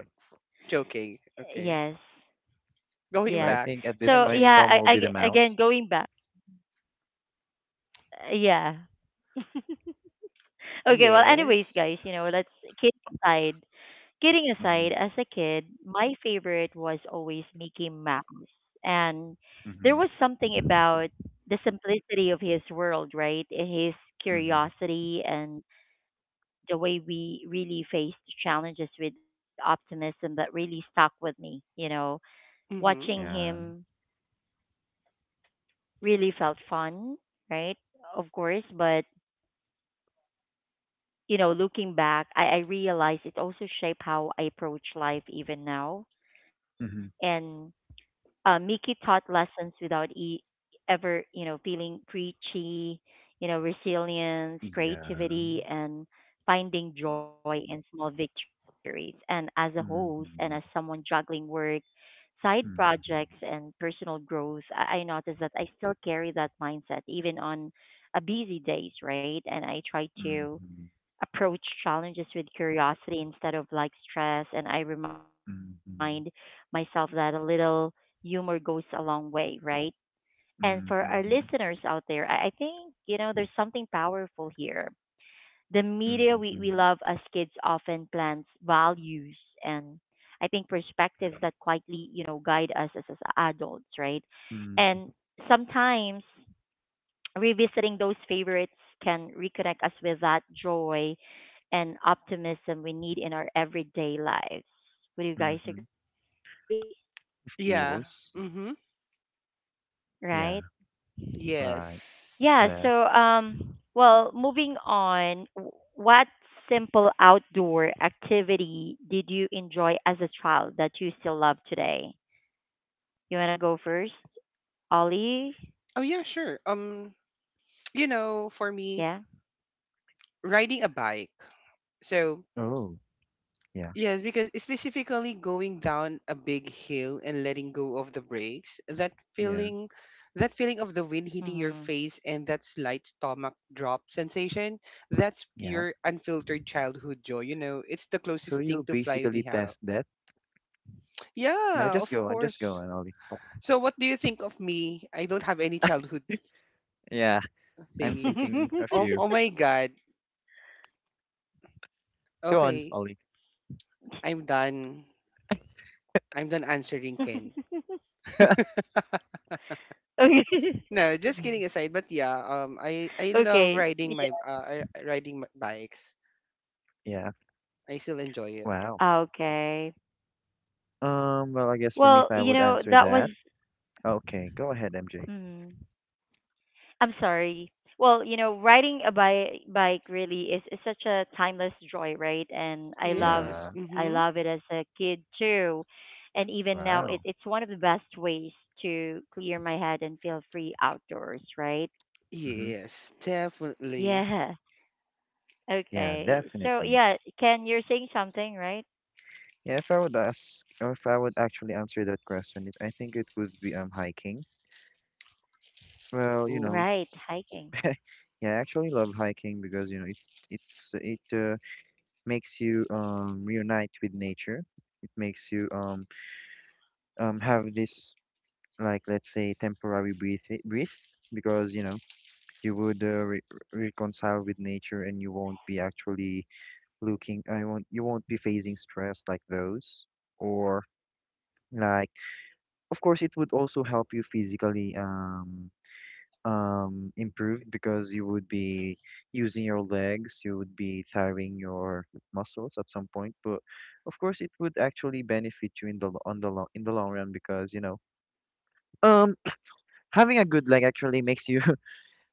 joking. Okay. Yes, Going So yeah. I back, think at this So point, MJ. yeah, Tom I, will be the I mouse. again going back. Yeah. Okay. Well, anyways, Yes. guys, you know, let's kidding aside. Kidding Mm-hmm. aside, as a kid, my favorite was always Mickey Mouse, and there Mm-hmm. was something about the simplicity of his world, right? His Mm-hmm. curiosity and the way we really faced challenges with optimism that really stuck with me. You know, Mm-hmm. watching Yeah. him really felt fun, right? Of course, but looking back, I realized it also shaped how I approach life even now. Mm-hmm. And Mickey taught lessons without ever, feeling preachy. You know, resilience, Yeah. creativity, and finding joy in small victories. And as a host and as Mm-hmm. someone juggling work, side projects, Mm-hmm. and personal growth, I notice that I still carry that mindset even on a busy days, right? And I try to Mm-hmm. approach challenges with curiosity instead of like stress. And I remind myself Mm-hmm. that a little humor goes a long way, right? And for our listeners out there, I think, there's something powerful here. The media we love Mm-hmm. as kids often plants values, and I think perspectives that quietly, guide us as adults, right? Mm-hmm. And sometimes revisiting those favorites can reconnect us with that joy and optimism we need in our everyday lives. Would you guys Mm-hmm. agree? Of Yeah. course. Mm-hmm. Right? Yeah. Right. Yeah, Yes. so Left. Well, moving on, what simple outdoor activity did you enjoy as a child that you still love today? You want to go first? Ollie? Oh yeah, sure. You know, for me, Yeah. riding a bike. So Oh. Yeah. yes, because specifically going down a big hill and letting go of the brakes, Yeah. That feeling of the wind hitting your Mhm. face and that slight stomach drop sensation, that's Yeah. pure unfiltered childhood joy, you know. It's the So closest thing you to fly we basically have. test that. No, Yeah, just of go on. Just go course. on, Ollie. So what do you think of me? I don't have any childhood Yeah. I'm thingy. thinking a Oh, few. oh my god. Go on, Okay, Ollie. I'm done. I'm done answering Ken. Okay. No, just Mm. kidding aside, but yeah, um, I love Okay. riding my riding my bikes. Yeah. I still enjoy it. Wow. Ah, okay. Well, I guess for me, if Well, I you would know, answer that was that, okay, go ahead, MJ. mm, I'm sorry. Well, you know, riding a bike really is such a timeless joy, right? And I love Yes. Yeah. I Mhm. love it as a kid too. And even now it, Wow. it's one of the best ways to clear my head and feel free outdoors, right? Mm-hmm. Yes, definitely. Yeah. Yeah, Okay. So definitely. yeah, Ken, you're saying something, right? Yeah, if I would ask, or if I would actually answer that question, I think it would be hiking. Well, you Ooh. know, Right, hiking. yeah, I actually love hiking because you know it's it makes you reunite with nature. It makes you have this, like, let's say temporary breathe because you know you would re reconcile with nature, and you won't be actually looking I won't you won't be facing stress like those, or like of course. It would also help you physically improve because you would be using your legs, you would be tiring your muscles at some point. But of course it would actually benefit you in the lo- on the long in the long run because, you know, um having a good leg actually makes you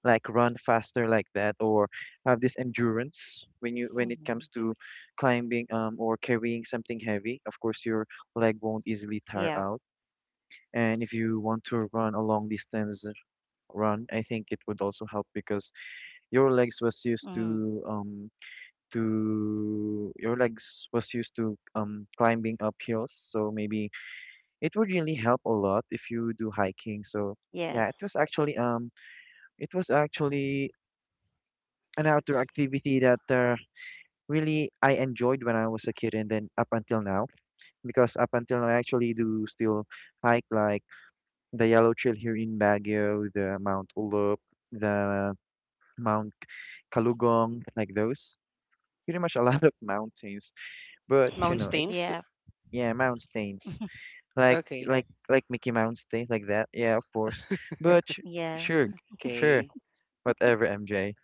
like run faster, like that, or have this endurance when you when it Hmm. comes to climbing or carrying something heavy. Of course your leg won't easily tire Yeah. out. And if you want to run a long distance run, I think it would also help because your legs was used Hmm. to um your legs was used to climbing up hills, so maybe it would really help a lot if you do hiking. so Yes. yeah it was actually an outdoor s- activity that really I enjoyed when I was a kid, and then up until now, because up until now I actually do still hike, like the Yellow Trail here in Baguio, the Mount Ulup, the Mount Kalugong, like those. Pretty much a lot of mountains, but you know it's Mountains? Yeah. yeah, mountains, like Okay. Like Mickey Mountains, like that, yeah, of course. But Yeah. sure, sure, Okay. whatever, MJ.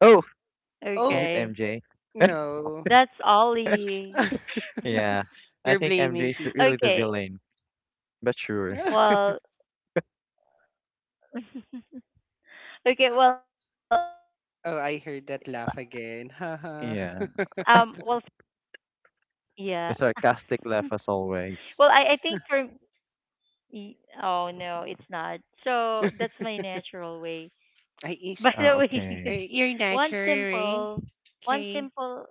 Oh, is Oh, it Okay. MJ? no. That's Ollie. Yeah, I You're think MJ blaming is people. really the Okay. villain, but sure. Well, okay. Well, well, for me, Oh, I heard guys, that laugh one again. simple. Haha. Yeah, Ah, yeah. the sarcastic laugh as always. Well, I think for. y- Oh, no, it's not. So that's my natural way. I is By the way, Okay. you're one natural, right? simple, one Okay. simple.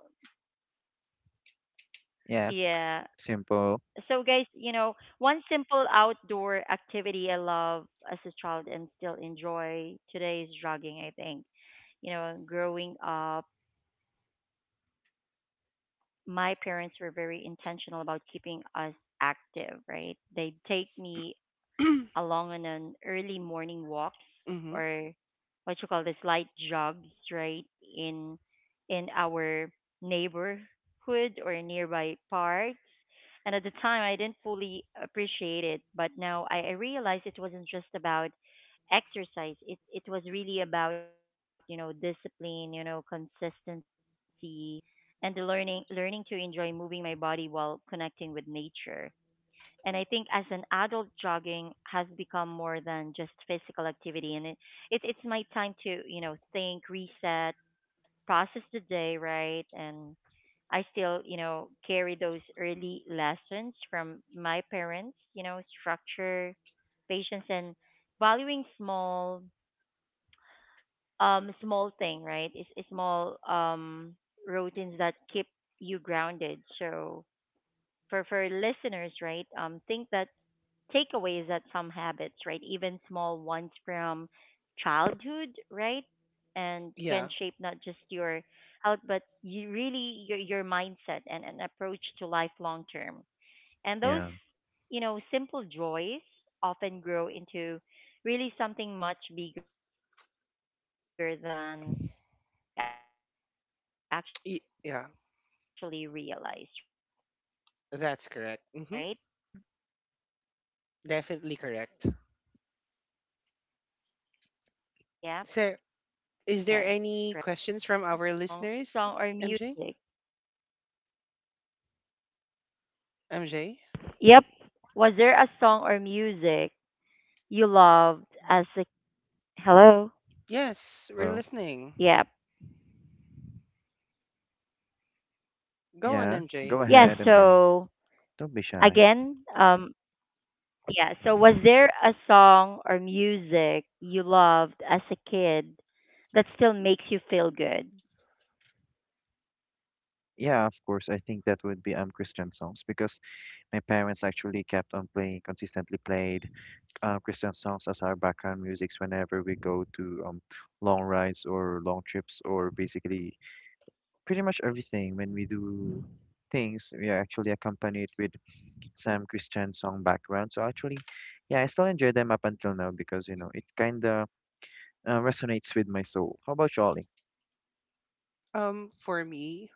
Yeah, Yeah. simple. So guys, you know, one simple outdoor activity I love as a child and still enjoy today is jogging, I think. You know, growing up, my parents were very intentional about keeping us active, right? They'd take me along on an early morning walk, or mm-hmm. what you call this light jogs, right, in in our neighborhood or nearby parks. And at the time I didn't fully appreciate it, but now I realized it wasn't just about exercise. It was really about, discipline, consistency, and the learning to enjoy moving my body while connecting with nature. And I think as an adult, jogging has become more than just physical activity, and it's my time to think, reset, process the day, right? And I still carry those early lessons from my parents, structure, patience, and valuing small thing, right? It's is small routines that keep you grounded. So for listeners, right? Think that takeaways, that some habits, right, even small ones from childhood, Yeah. right, and can shape not just your out, but you really your mindset and an approach to life long Yeah, term. And those, simple joys often grow into really something much bigger than we actually realize, right? Yeah. Yeah. That's correct. Okay. Mm-hmm. Now, guys, Definitely correct. was there a song? So, is Yeah. there any questions Well, from was there our a song or listeners, music? MJ? MJ? Yep. Was there a song or music you loved as a hello? Yes, we're hello. listening. Yep. Go on, Yeah, go MJ. Yeah, ahead, MJ. so Don't be shy. again, yeah, so was there a song or music you loved as a kid that still makes you feel good? Yeah, of course. I think that would be Christian songs because my parents actually kept on playing consistently played Christian songs as our background musics whenever we go to long rides or long trips, or basically pretty much everything. When we do things, we actually accompany it with some Christian song background. So actually, yeah, I still enjoy them up until now because, you know, it kind of resonates with my soul. How about you, Ollie? Um, for me,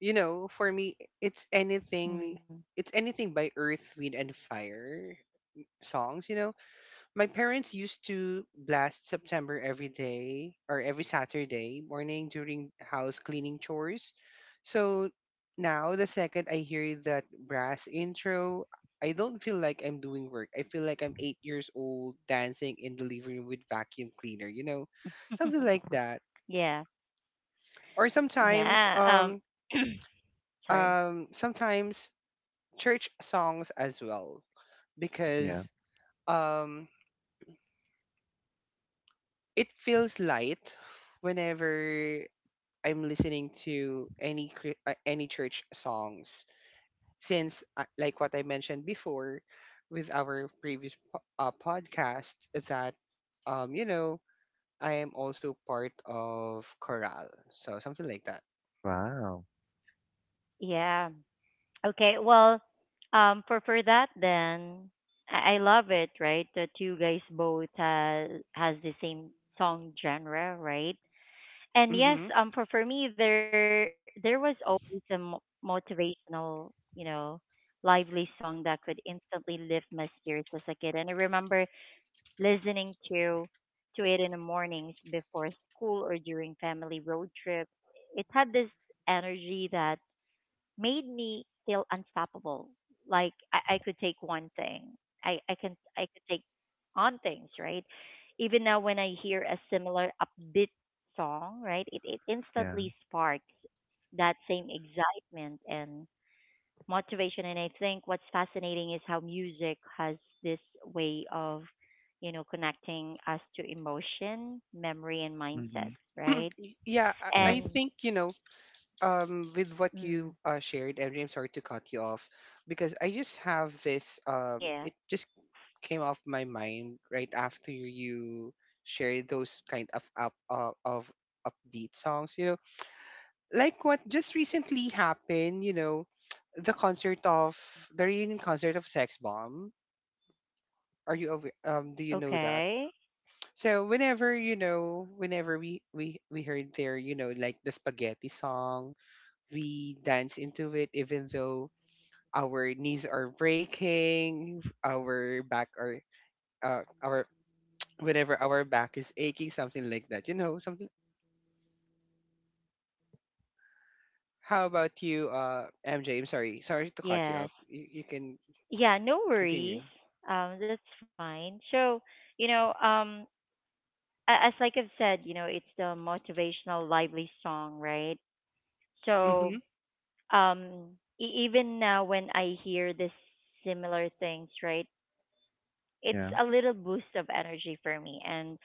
for me, it's anything. Mm. It's anything by Earth, Wind, and Fire songs. You know, my parents used to blast September every day or every Saturday morning during house cleaning chores. So now, the second I hear that brass intro, I don't feel like I'm doing work. I feel like I'm 8 years old dancing in the living room with vacuum cleaner, you know, something like that. Yeah. Or sometimes, Yeah. Um Sorry. Sometimes church songs as well Yeah. because um, it feels light whenever I'm listening to any church songs since like what I mentioned before with our podcast that you know I am also part of chorale, so something like that. Wow. Yeah. Okay, well, for that then, I love it, right? That you guys both has the same song genre, right? And yes, Mm-hmm. For me, there was always a motivational, lively song that could instantly lift my spirits as a kid. And I remember listening to it in the mornings before school or during family road trips. It had this energy that made me feel unstoppable. Like I could take one thing. I could take on things, right? Even now when I hear a similar upbeat song, right, it Yeah. instantly sparks that same excitement and motivation. And I think what's fascinating is how music has this way of connecting us to emotion, memory, and Mm-hmm. mindset, right? yeah, Yeah. I think And you know with what you mm, shared, Andrea, I'm sorry to cut you off because I just have this it yeah. just came off my mind right after you shared those kind of up of upbeat songs, you know, like what just recently happened, you know, the concert of the reunion concert of Sex Bomb. Are you aware, um, do you know that? Okay. So whenever, you know, whenever we heard their, you know, like the spaghetti song, we dance into it even though our knees are breaking, our back are our whenever our back is aching, something like that. You know, something. How about you, MJ? I'm sorry, sorry to cut you off. Yes. You can Yeah, no continue. worries. That's fine. So, you know, um, as like I've said, it's the motivational, lively song, right? Mm-hmm. So, even now when I hear this similar things, right, it's Yeah. a little boost of energy for me and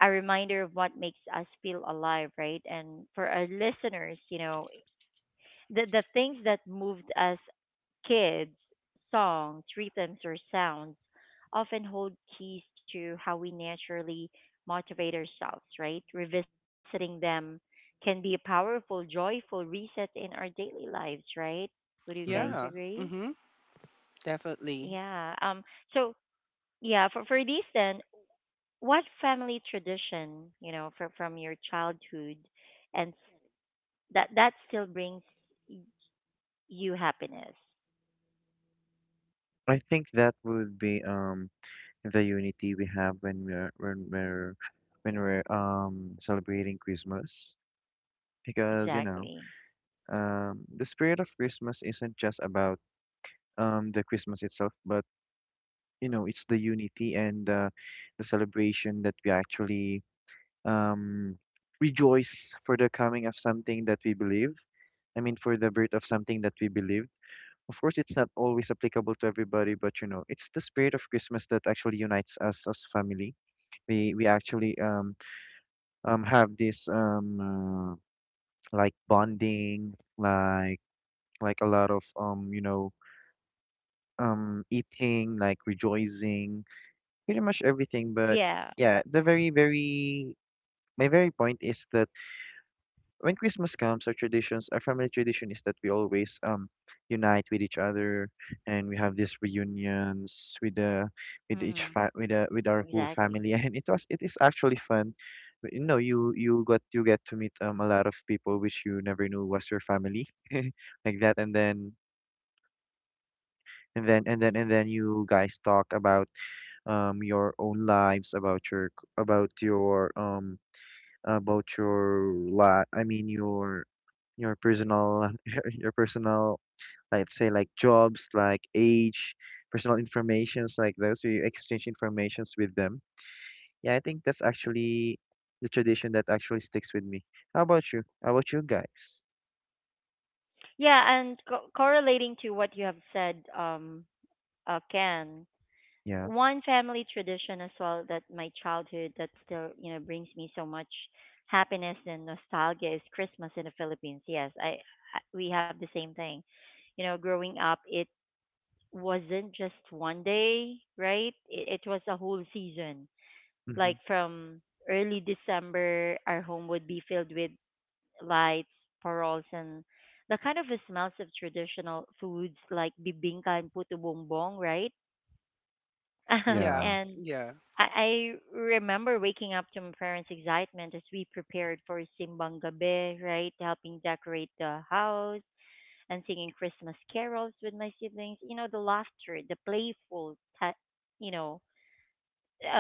a reminder of what makes us feel alive, right? And for our listeners, the things that moved us kids, songs, rhythms, or sounds often hold keys to how we naturally motivate ourselves, right? Revisiting them can be a powerful, joyful reset in our daily lives, right? Would you guys Mm-hmm. Yeah. agree? Mm-hmm. Definitely. Yeah. So yeah, for this then, what family tradition from your childhood, and that still brings y- you happiness? I think that would be the unity we have when we're celebrating Christmas, because, you know, Exactly. The spirit of Christmas isn't just about the Christmas itself, but you know, it's the unity, and the celebration that we actually um, rejoice for the coming of something that we believe. I mean, for the birth of something that we believe. Of course, it's not always applicable to everybody, but you know, it's the spirit of Christmas that actually unites us as family. We actually have this like bonding, like a lot of eating, like rejoicing, pretty much everything. But Yeah. yeah, the very my very point is that when Christmas comes, our traditions, our family tradition is that we always unite with each other, and we have these reunions with the Mm-hmm. With the, with our whole Exactly. family, and it is actually fun. But you know, you get to meet a lot of people which you never knew was your family, like that. And then you guys talk about your own lives, about your about your la, I mean your personal your personal, let's say, like jobs, like age, personal informations like those. You exchange informations with them. Yeah, I think that's actually the tradition that actually sticks with me. How about you? How about you guys? Yeah, and correlating to what you have said, Ken, Yeah. one family tradition as well that my childhood that still brings me so much happiness and nostalgia is Christmas in the Philippines. Yes, I we have the same thing. You know, growing up, it wasn't just one day, right? It was a whole season. Mm-hmm. Like from early December, our home would be filled with lights, paroles, and the kind of smells of traditional foods like bibingka and puto bumbong, right? Um, Yeah. Yeah. and Yeah. I remember waking up to my parents' excitement as we prepared for Simbang Gabi, right? Helping decorate the house and singing Christmas carols with my siblings. You know, the laughter, the playful, te- you know,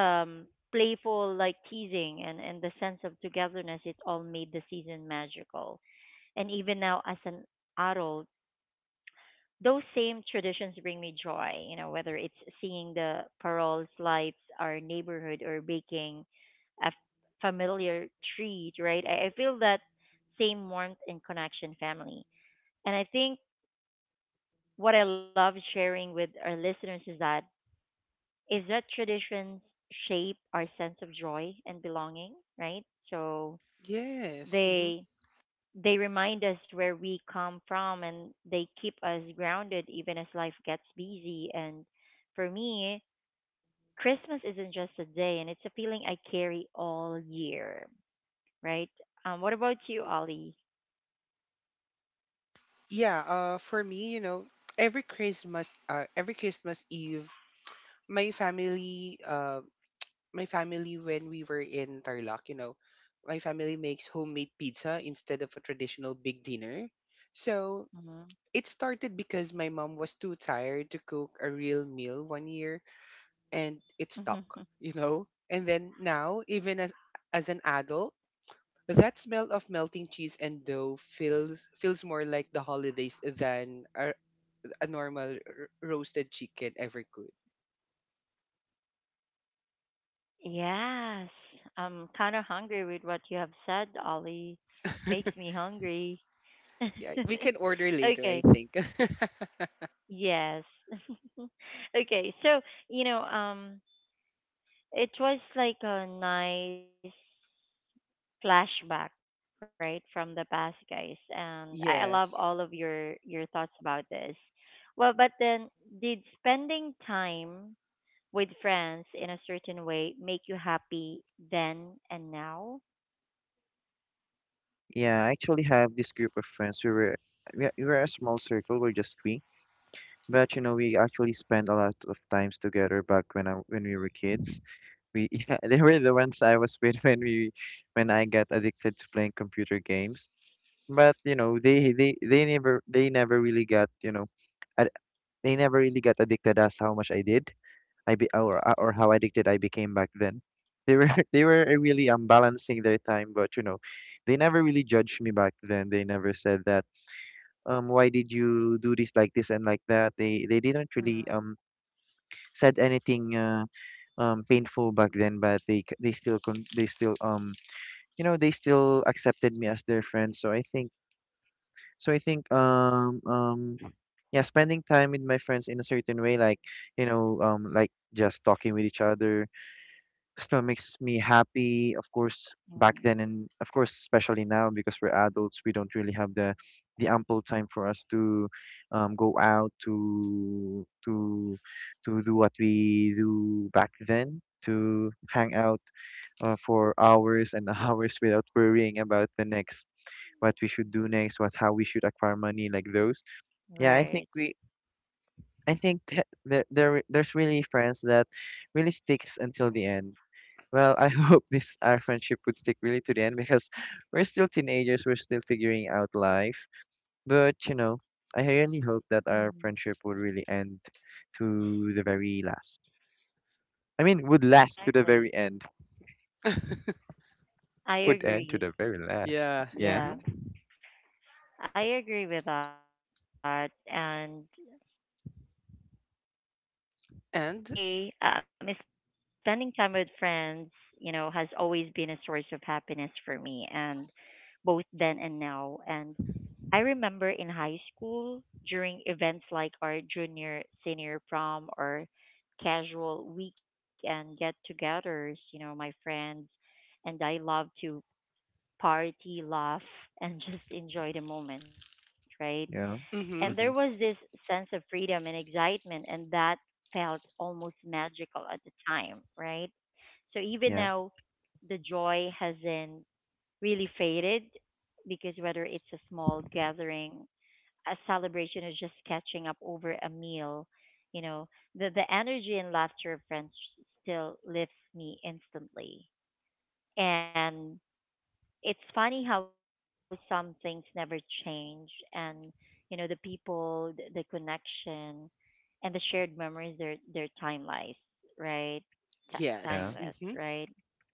um, playful, like, teasing, and the sense of togetherness, it all made the season magical. And even now as an adult, those same traditions bring me joy. You know, whether it's seeing the paroles lights, our neighborhood, or baking a f- familiar treat, right? I feel that same warmth and connection, family. And I think what I love sharing with our listeners is that traditions shape our sense of joy and belonging, right? So Yes. they Mm-hmm. They remind us where we come from and they keep us grounded even as life gets busy. And for me, Christmas isn't just a day and it's a feeling I carry all year, right? What about you, Ollie? Yeah. For me, you know, every Christmas Eve, my family, uh, my family when we were in Tarlac, you know, my family makes homemade pizza instead of a traditional big dinner. So Mm-hmm. it started because my mom was too tired to cook a real meal one year, and it stuck, you know? And then now, as an adult, that smell of melting cheese and dough feels more like the holidays than a normal roasted chicken ever could. Yes, I'm kind of hungry with what you have said, Ollie. Makes me hungry. Yeah, we can order Okay, later, I think. yes. Okay, so, you know, um, It was like a nice flashback, right, from the past, guys. And I love all of your yes. your thoughts about this. Well, but then, did spending time with friends in a certain way make you happy then and now? Yeah, I actually have this group of friends. We were a small circle. We're just three, but you know we actually spent a lot of times together back when we were kids. We yeah, they were the ones I was with when we when I got addicted to playing computer games. But you know, they never really got, you know, ad- they never really got addicted as how much I did. I be or How addicted I became back then. They were they were really balancing their time, but you know, they never really judged me back then. They never said that why did you do this like this and like that. They didn't really Mm-hmm. said anything painful back then, but they still you know they still accepted me as their friend. So I think yeah, spending time with my friends in a certain way, like, you know, like just talking with each other still makes me happy. Of course, back then, and of course, especially now because we're adults, we don't really have the ample time for us to go out to do what we do back then. To hang out for hours and hours without worrying about the next, what we should do next, what, how we should acquire money, like those. Yeah, Right. I think there there's really friends that really sticks until the end. Well, I hope this our friendship would stick really to the end, because we're still teenagers, we're still figuring out life. But you know, I really hope that our friendship would Mm. really end to the very last. I mean, would last to the very end. Exactly. Would end to the I very last. agree. Yeah. Yeah, Hmm. Yeah, I agree with that. And And me, spending time with friends, you know, has always been a source of happiness for me, and both then and now. And I remember in high school during events like our junior, senior prom or casual weekend get togethers, you know, my friends and I love to party, laugh, and just enjoy the moment, right? yeah, And hmm, there mm-hmm. was this sense of freedom and excitement, and that felt almost magical at the time, right? So Yeah, even now, the joy hasn't really faded because whether it's a small gathering, a celebration, or just catching up over a meal, you know, the energy and laughter of friends still lifts me instantly. And it's funny how some things never change, and you know the people, the connection and the shared memories, they're timeless, right? T- yeah, yes. Hmm. timeless right?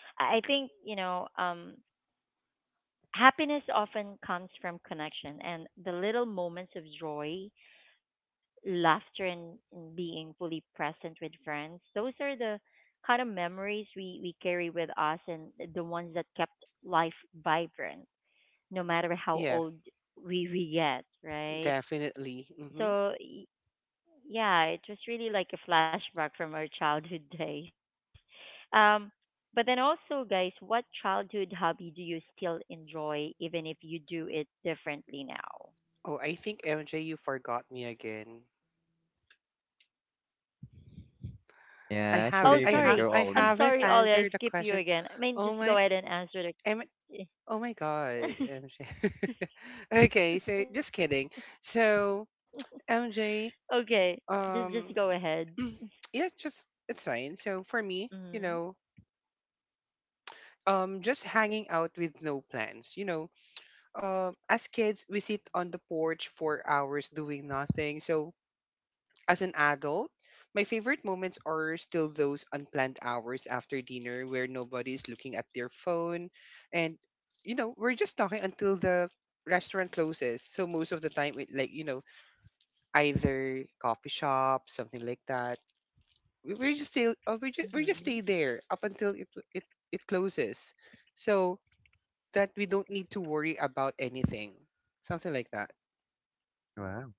Sorry. I think, you know, happiness often comes from connection and the little moments of joy, laughter, and being fully present with friends. Those are the kind of memories we carry with us and the ones that kept life vibrant no matter Yeah, how old we get, right? definitely. Hmm. So yeah, it was really like a flashback from our childhood days. Um, but then also, guys, what childhood hobby do you still enjoy, even if you do it differently now? Oh, I think MJ, you forgot me again. Yeah. Actually, Oh, you can sorry, go, I I'm Ollie. haven't sorry, Ollie, I answered the skip question. you again. I mean, Oh just my, go ahead and answer M, the. oh my God, MJ. okay, so just kidding. Okay, So just go ahead. MJ, um, yeah, Mm-hmm. just it's fine. So for me, you know, just hanging out with no plans. You know, as kids, we sit on the porch for hours doing nothing. So as an adult, my favorite moments are still those unplanned hours after dinner where nobody is looking at their phone, and you know, we're just talking until the restaurant closes. So most of the time it like, you know, either coffee shop, something like that. We we're just still Mm-hmm. We just stay there up until it it closes. So that we don't need to worry about anything. Something like that. Wow.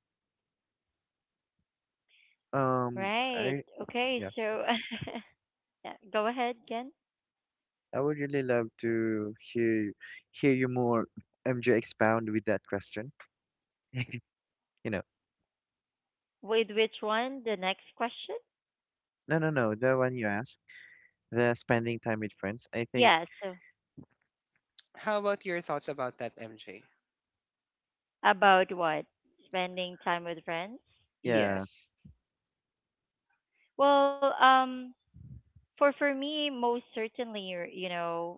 Right. I yeah, Okay. So. Yeah, go ahead, Ken. I would really love to hear you more, MJ, expound with that question. you know. With which one? The next question? No, no, no. The one you asked, the spending time with friends. I think, Yeah, so How about your thoughts about that, MJ? about what? Spending time with friends? yeah, Yes. Well, for me, most certainly, or, you know,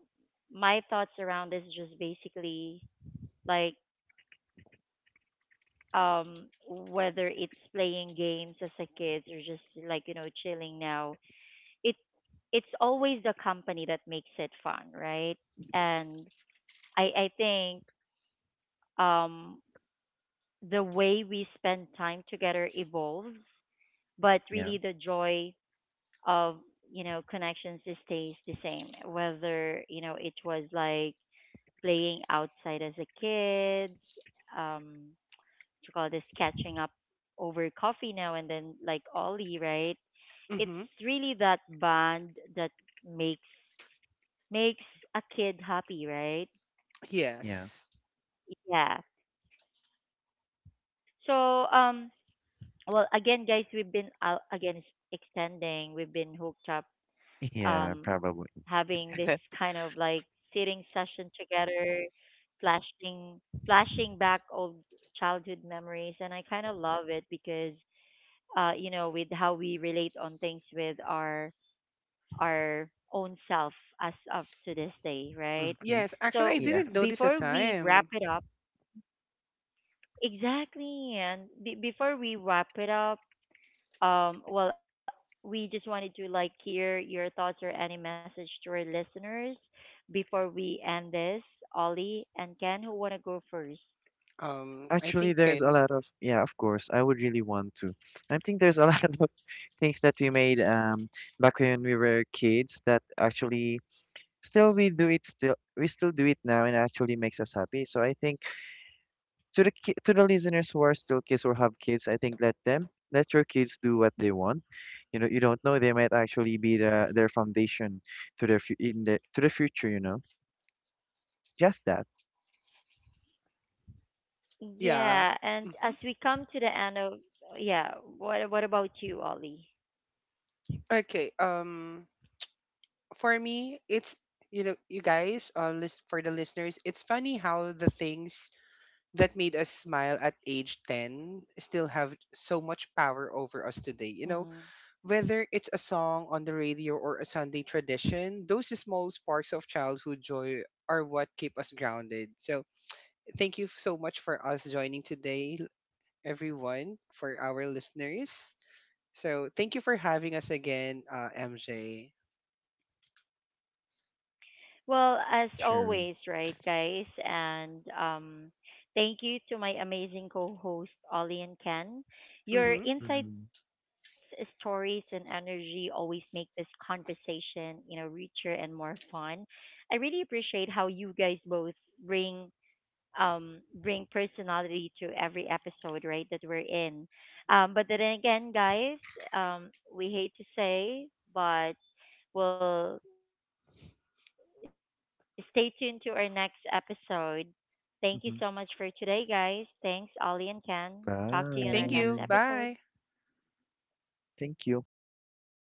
my thoughts around this just basically like whether it's playing games as a kid or just like, you know, chilling now, it it's always the company that makes it fun, right? And I think um the way we spend time together evolves, yeah, but really the joy of, you know, connections stays the same. Whether, you know, it was like playing outside as a kid, um, to call this catching up over coffee now and then, like Mm-hmm. Ollie, right? It's really that bond that makes makes a kid happy, yeah, Yes. right? Yeah. So well again, guys, we've been out again s- extending, we've been hooked up, yeah, um probably. having this kind of like sitting session together, flashing flashing back old childhood memories, and I kind of love it because you know, with how we relate on things with our own self as of Hmm. Yes, to this actually, I Yeah. day, didn't notice right? the time. So before we wrap it up, exactly, and be before we wrap it up, Um, well, we just wanted to like hear your thoughts or any message to our listeners before we end this. Ollie and Ken, who want to go first? I Actually, think there's a Ken. lot of, yeah, of course, I would really want to. I think there's a lot of things that we made back when we were kids that actually still we still do it now and actually makes us happy. So I think, to the to the listeners who are still kids or have kids, I think let them, let your kids do what they want. You know, you don't know, they might actually be their foundation in the, to the future. You know, just that. Yeah. Hmm. Yeah, and as we come to the end of, yeah, what about you, Ollie? Okay. For me, it's you know, you guys, list for the listeners, it's funny how the things that made us smile at age 10 still have so much power over us today. You know, whether it's Mm. a song on the radio or a Sunday tradition, those small sparks of childhood joy are what keep us grounded. So, thank you so much for us joining today everyone, for our listeners. So thank you for having us again, MJ. Sure. Well, as always, right, guys? And thank you to my amazing co host, Ollie Hmm. and Ken. Mm-hmm. Your insights, stories, and energy always make this conversation, you know, richer and more fun. I really appreciate how you guys both bring um bring personality to every episode, right, that we're in. But then again, guys, we hate to say, but well, stay tuned to our next episode. Thank you so much for Mm-hmm. today, guys. Thanks, Ollie and Ken. Talk to you in our next Thank you. Bye. episode. Bye. Thank you. Bye.